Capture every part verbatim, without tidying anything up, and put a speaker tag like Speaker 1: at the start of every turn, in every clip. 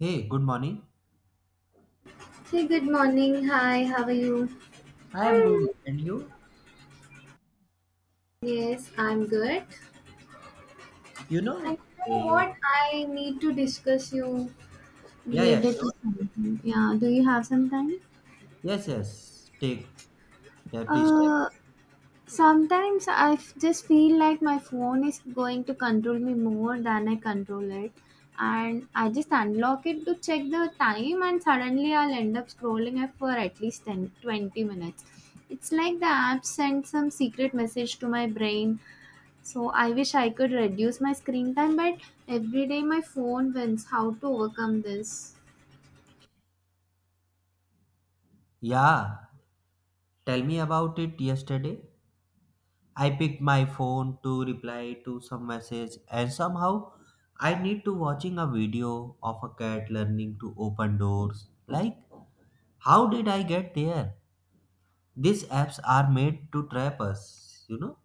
Speaker 1: Hey, good morning.
Speaker 2: Hey, good morning. Hi, how are you?
Speaker 1: I am good.
Speaker 2: Hmm.
Speaker 1: And you?
Speaker 2: Yes, I'm good.
Speaker 1: You know?
Speaker 2: And you know
Speaker 1: eh,
Speaker 2: what? I need to discuss you
Speaker 1: yeah, yeah,
Speaker 2: related to
Speaker 1: sure.
Speaker 2: something. Yeah, do you have some time?
Speaker 1: Yes, yes. Take that, please take.
Speaker 2: Uh, sometimes I f- just feel like my phone is going to control me more than I control it. And I just unlock it to check the time, and suddenly I'll end up scrolling it for at least ten, twenty minutes. It's like the app sent some secret message to my brain. So I wish I could reduce my screen time, but every day my phone wins. How to overcome this?
Speaker 1: Yeah. Tell me about it yesterday. I picked my phone to reply to some message and somehow I need to watching a video of a cat learning to open doors. Like, how did I get there? These apps are made to trap us, you know?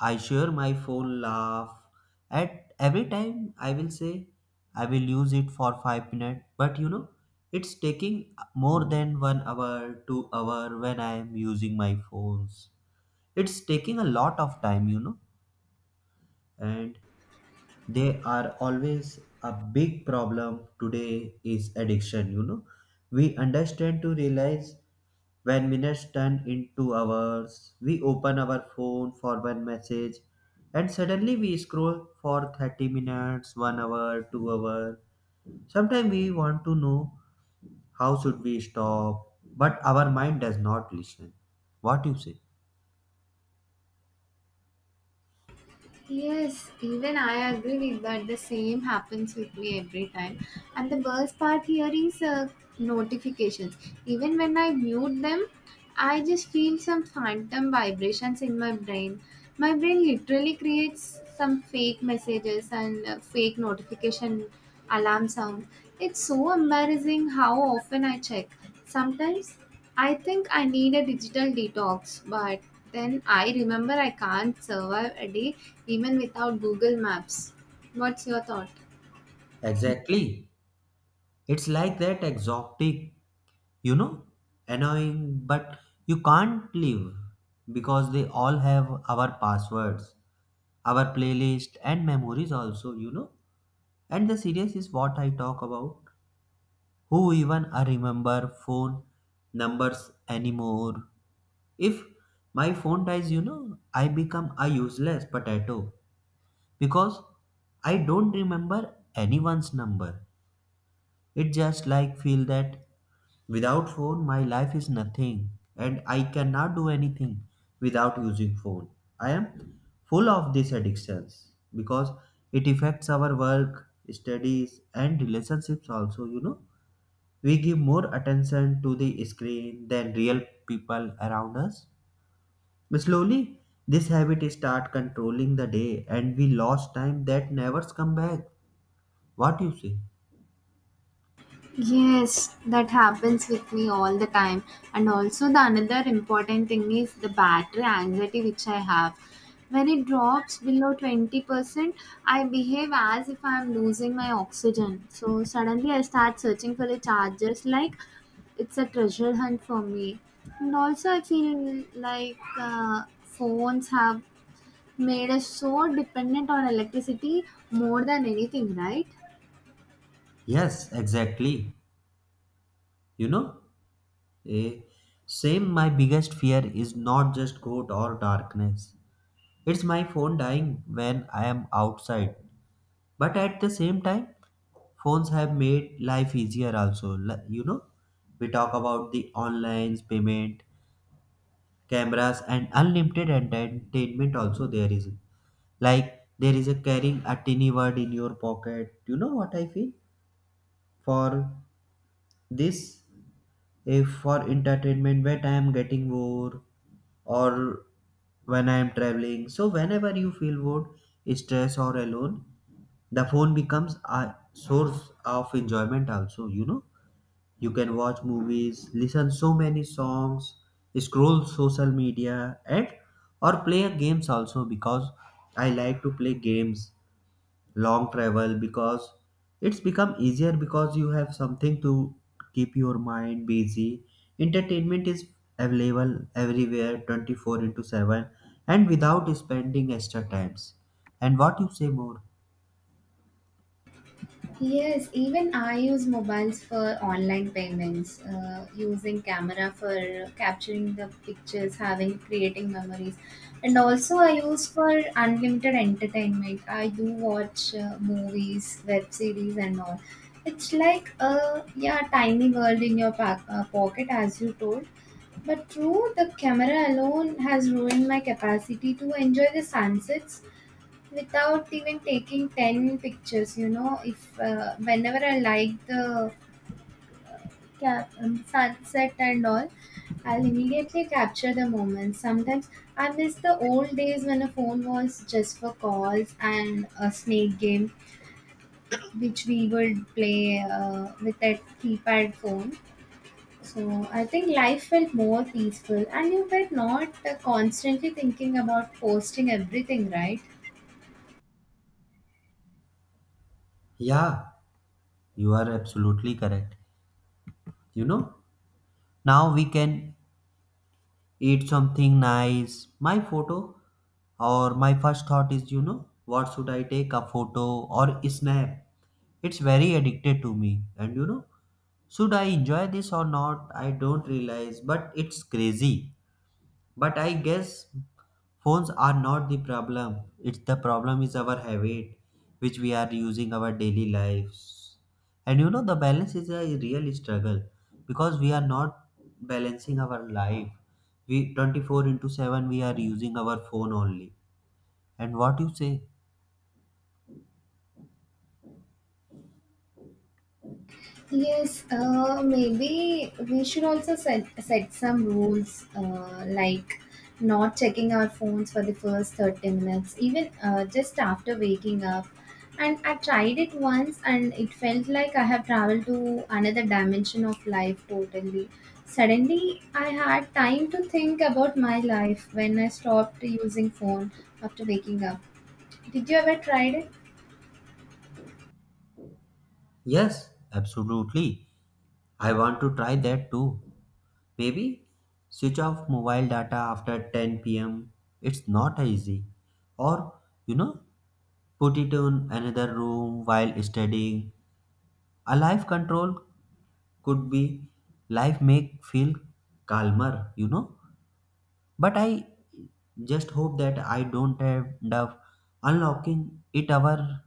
Speaker 1: I share my phone laugh at every time I will say I will use it for five minutes, but you know it's taking more than one hour, two hour when I am using my phones. It's taking a lot of time, you know, and they are always a big problem today is addiction, you know. We understand to realize when minutes turn into hours, we open our phone for one message and suddenly we scroll for thirty minutes, one hour, two hour. Sometimes we want to know how should we stop, but our mind does not listen. What you say?
Speaker 2: Yes, even I agree with that. The same happens with me every time. And the worst part here is uh, notifications. Even when I mute them, I just feel some phantom vibrations in my brain. My brain literally creates some fake messages and uh, fake notification alarm sound. It's so embarrassing how often I check. Sometimes I think I need a digital detox, but then I remember I can't survive a day even without Google Maps. What's your thought?
Speaker 1: Exactly. It's like that exotic, you know, annoying, but you can't leave because they all have our passwords, our playlist and memories also, you know. And the serious is what I talk about. Who even I remember phone numbers anymore. If my phone dies, you know, I become a useless potato because I don't remember anyone's number. It just like feel that without phone my life is nothing and I cannot do anything without using phone. I am full of these addictions because it affects our work, studies and relationships also, you know we give more attention to the screen than real people around us. Slowly, this habit start controlling the day and we lost time that never come back. What you say?
Speaker 2: Yes, that happens with me all the time. And also, the another important thing is the battery anxiety which I have. When it drops below twenty percent, I behave as if I'm losing my oxygen. So, suddenly I start searching for the chargers like it's a treasure hunt for me. And also, I feel like uh, phones have made us so dependent on electricity more than anything, right?
Speaker 1: Yes, exactly. You know, eh, same my biggest fear is not just cold or darkness. It's my phone dying when I am outside. But at the same time, phones have made life easier also, Li- you know we talk about the online payment, cameras and unlimited entertainment. Also, there is, like, there is a carrying a tiny bird in your pocket, you know what I feel. For this, if for entertainment when I am getting bored, or when I am traveling, so whenever you feel bored, stress or alone, the phone becomes a source of enjoyment also. You know you can watch movies, listen so many songs, scroll social media, and or play games also because I like to play games, long travel because it's become easier because you have something to keep your mind busy. Entertainment is available everywhere twenty-four into seven and without spending extra times. And what you say more?
Speaker 2: Yes, even I use mobiles for online payments, uh, using camera for capturing the pictures, having creating memories, and also I use for unlimited entertainment. I do watch uh, movies, web series, and all. It's like a yeah tiny world in your pack, uh, pocket, as you told. But true, the camera alone has ruined my capacity to enjoy the sunsets without even taking ten pictures. You know, if uh, whenever I like the ca- um, sunset and all, I'll immediately capture the moment. Sometimes I miss the old days when a phone was just for calls and a snake game, which we would play uh, with a keypad phone. So I think life felt more peaceful, and you were not uh, constantly thinking about posting everything, right?
Speaker 1: Yeah, you are absolutely correct. You know, now we can eat something nice. My photo or my first thought is, you know, what should I take a photo or snap? It's very addicted to me. And you know, should I enjoy this or not? I don't realize, but it's crazy. But I guess phones are not the problem. It's the problem is our habit, which we are using our daily lives. And you know the balance is a real struggle because we are not balancing our life. We twenty-four into seven we are using our phone only. And what you say?
Speaker 2: Yes, uh, maybe we should also set, set some rules uh, like not checking our phones for the first thirty minutes, even uh, just after waking up. And I tried it once and it felt like I have traveled to another dimension of life totally. Suddenly, I had time to think about my life when I stopped using phone after waking up. Did you ever try it?
Speaker 1: Yes, absolutely. I want to try that too. Maybe switch off mobile data after ten p m. It's not easy. Or, you know, put it in another room while studying. A life control could be life make feel calmer, you know. But I just hope that I don't end up unlocking it ever.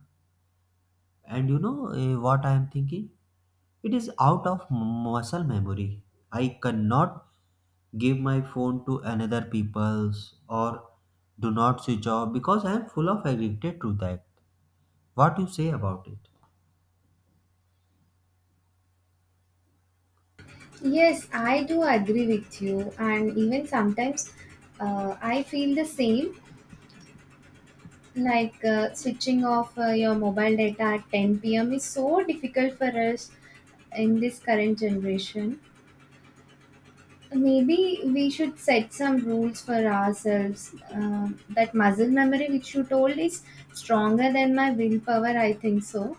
Speaker 1: And you know eh, what I am thinking? It is out of muscle memory. I cannot give my phone to another people's or do not switch off because I am full of addicted to that. What you say about it?
Speaker 2: Yes, I do agree with you, and even sometimes uh, I feel the same. Like uh, switching off uh, your mobile data at ten p m is so difficult for us in this current generation. Maybe we should set some rules for ourselves. Uh, that muscle memory, which you told, is stronger than my willpower, I think so.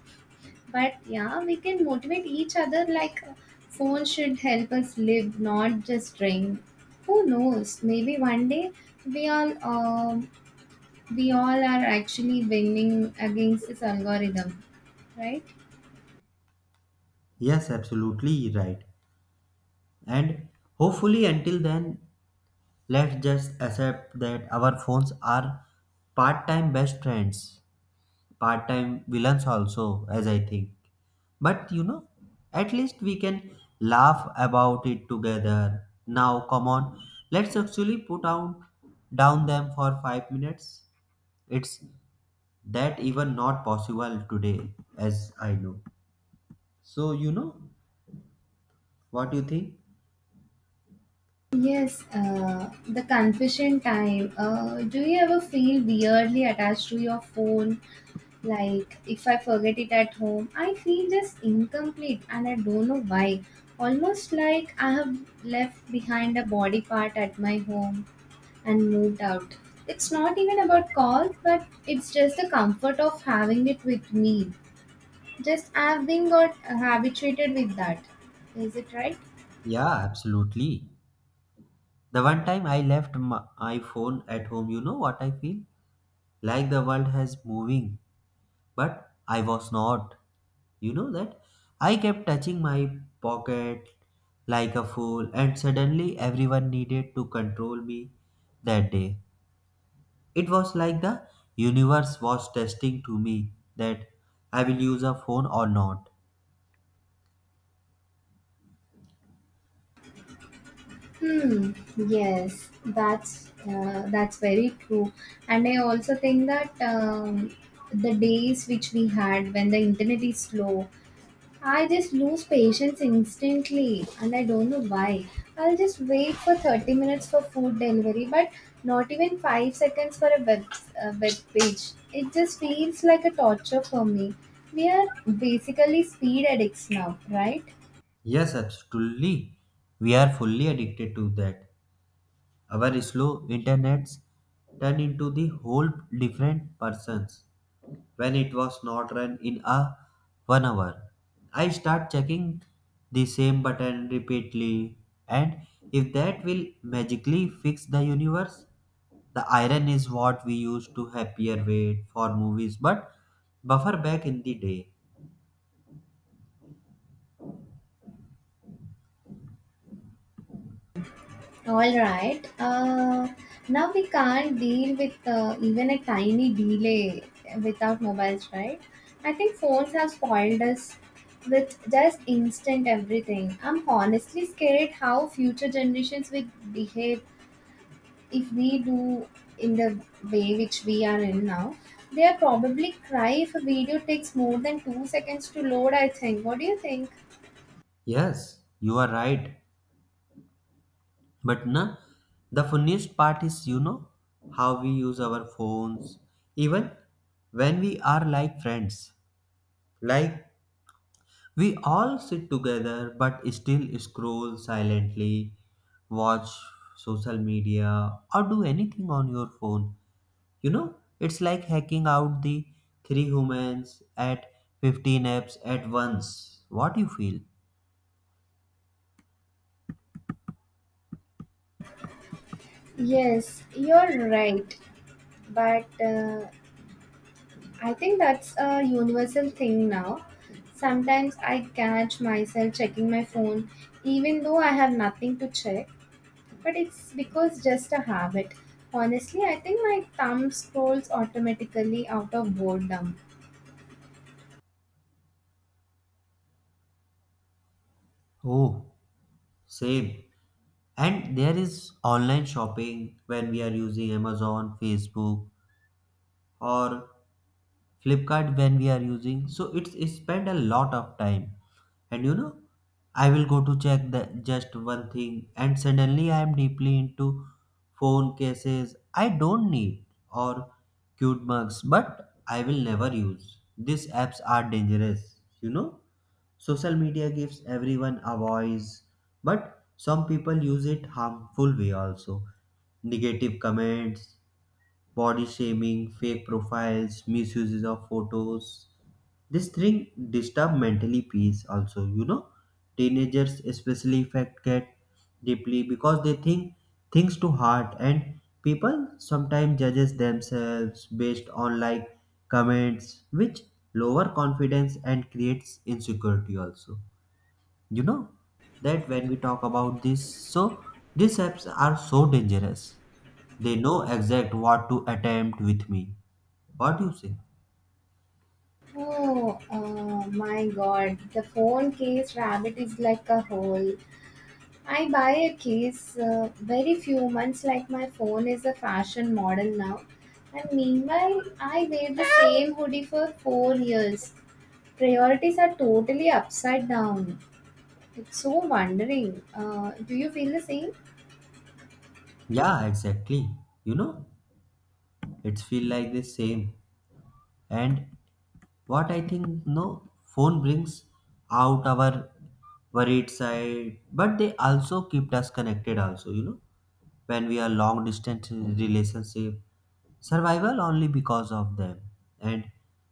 Speaker 2: But yeah, we can motivate each other like uh, phone should help us live, not just drain. Who knows? Maybe one day we all um we all are actually winning against this algorithm, right?
Speaker 1: Yes, absolutely right. And hopefully, until then, let's just accept that our phones are part time best friends, part time villains, also, as I think. But you know, at least we can laugh about it together. Now, come on, let's actually put out down them for five minutes. It's that even not possible today, as I know. So, you know, what do you think?
Speaker 2: Yes, uh, the confession time. Uh, do you ever feel weirdly attached to your phone? Like, if I forget it at home, I feel just incomplete and I don't know why. Almost like I have left behind a body part at my home and moved out. It's not even about calls, but it's just the comfort of having it with me. Just I've been got habituated with that. Is it right?
Speaker 1: Yeah, absolutely. The one time I left my my phone at home, you know what I feel? Like the world has moving, but I was not. You know that? I kept touching my pocket like a fool, and suddenly everyone needed to control me that day. It was like the universe was testing to me that I will use a phone or not.
Speaker 2: Hmm. Yes, that's uh, that's very true. And I also think that um, the days which we had when the internet is slow, I just lose patience instantly and I don't know why. I'll just wait for thirty minutes for food delivery, but not even five seconds for a web, a web page. It just feels like a torture for me. We are basically speed addicts now, right?
Speaker 1: Yes, absolutely. We are fully addicted to that. Our slow internets turned into the whole different persons when it was not run in a one hour. I start checking the same button repeatedly, and if that will magically fix the universe, the iron is what we used to happier wait for movies, but buffer back in the day.
Speaker 2: All right. Uh, now we can't deal with uh, even a tiny delay without mobiles, right? I think phones have spoiled us with just instant everything. I'm honestly scared how future generations will behave if we do in the way which we are in now. They are probably cry if a video takes more than two seconds to load, I think. What do you think?
Speaker 1: Yes, you are right. But na, the funniest part is, you know, how we use our phones, even when we are like friends. Like, we all sit together but still scroll silently, watch social media, or do anything on your phone. You know, it's like hacking out the three humans at fifteen apps at once. What you feel?
Speaker 2: Yes, you're right. But uh, I think that's a universal thing now. Sometimes I catch myself checking my phone even though I have nothing to check, but it's because just a habit. Honestly, I think my thumb scrolls automatically out of boredom.
Speaker 1: Oh, same. And there is online shopping when we are using Amazon, Facebook, or Flipkart when we are using. So it's, it spend a lot of time. And you know, I will go to check the just one thing, and suddenly I am deeply into phone cases I don't need or cute mugs, but I will never use. These apps are dangerous, you know. Social media gives everyone a voice, but some people use it harmful way also. Negative comments, body shaming, fake profiles, misuses of photos. This thing disturb mentally peace also, you know. Teenagers especially affect get deeply because they think things too hard and people sometimes judges themselves based on like comments which lower confidence and creates insecurity also, you know that when we talk about this, so these apps are so dangerous. They know exact what to attempt with me. What do you say?
Speaker 2: Oh, uh, my god, the phone case rabbit is like a hole. I buy a case uh, very few months, like my phone is a fashion model now. And meanwhile, I wear the same hoodie for four years. Priorities are totally upside down. It's so wondering. Uh, do you feel the same?
Speaker 1: Yeah, exactly. You know it's feel like the same. And what I think no phone brings out our worried side, but they also keep us connected also, you know, when we are long distance in relationship, survival only because of them. And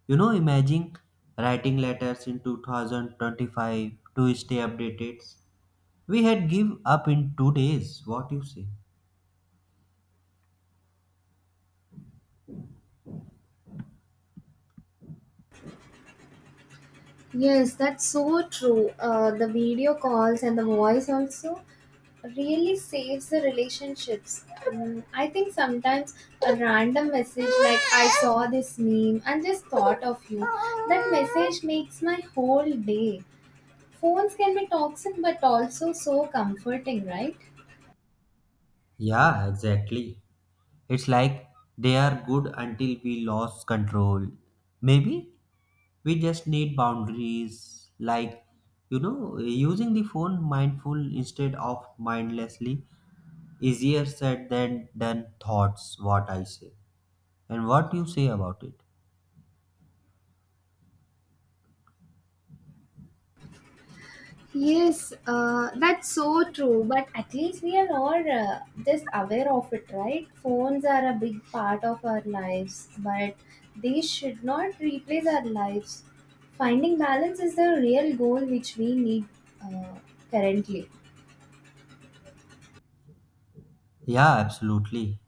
Speaker 1: you know, imagine writing letters in two thousand twenty-five to stay updated. We had give up in two days. What you say?
Speaker 2: Yes, that's so true. Uh, the video calls and the voice also really saves the relationships. Um, I think sometimes a random message like I saw this meme and just thought of you, that message makes my whole day. Phones can be toxic but also so comforting, right?
Speaker 1: Yeah, exactly. It's like they are good until we lose control. Maybe we just need boundaries, like, you know, using the phone mindful instead of mindlessly. Easier said than done thoughts, what I say. And what you say about it.
Speaker 2: Yes, uh, that's so true. But at least we are all uh, just aware of it, right? Phones are a big part of our lives, but they should not replace our lives. Finding balance is the real goal which we need uh, currently.
Speaker 1: Yeah, absolutely.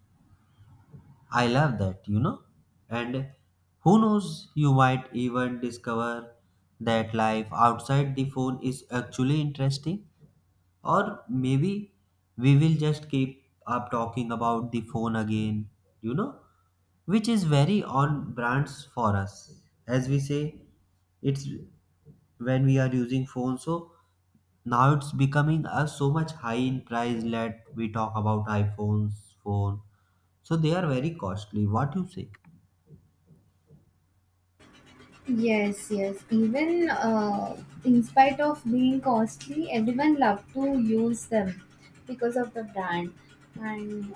Speaker 1: I love that, you know. And who knows, you might even discover that life outside the phone is actually interesting. Or maybe we will just keep up talking about the phone again, you know, which is very on brands for us. As we say, it's when we are using phone. So now it's becoming a so much high in price that we talk about iPhones, phone. So they are very costly. What you say?
Speaker 2: Yes, yes. Even uh, in spite of being costly, everyone love to use them because of the brand. And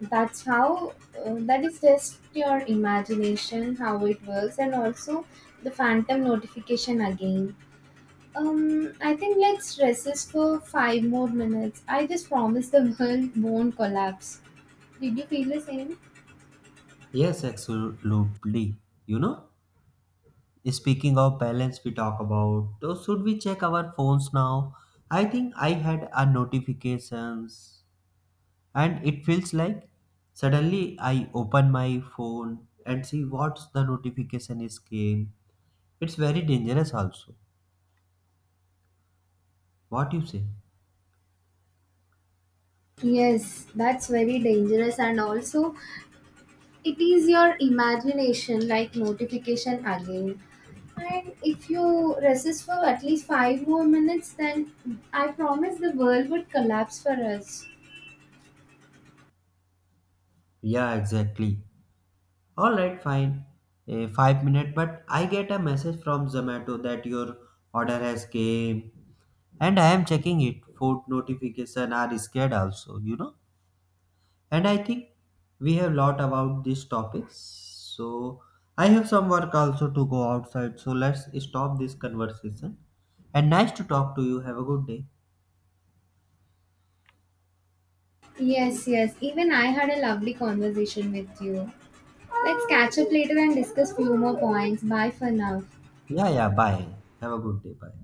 Speaker 2: that's how uh, that is just your imagination how it works and also the phantom notification again. um I think let's resist for five more minutes. I just promise the world won't collapse. Did you feel the same?
Speaker 1: Yes, absolutely. You know? Speaking of balance, we talk about so should we check our phones now? I think I had a notifications, and it feels like suddenly I open my phone and see what's the notification is came. It's very dangerous also. What you say?
Speaker 2: Yes, that's very dangerous and also it is your imagination like notification again, and if you resist for at least five more minutes then I promise the world would collapse for us.
Speaker 1: Yeah, exactly. All right, fine. Eh, five minute, but I get a message from Zomato that your order has came, and I am checking it. Food notification are scared also, you know. And I think we have lot about these topics, so I have some work also to go outside. So let's stop this conversation, and nice to talk to you. Have a good day.
Speaker 2: Yes, yes. Even I had a lovely conversation with you. Let's catch up later and discuss few more points. Bye for now.
Speaker 1: Yeah, yeah, bye. Have a good day. Bye.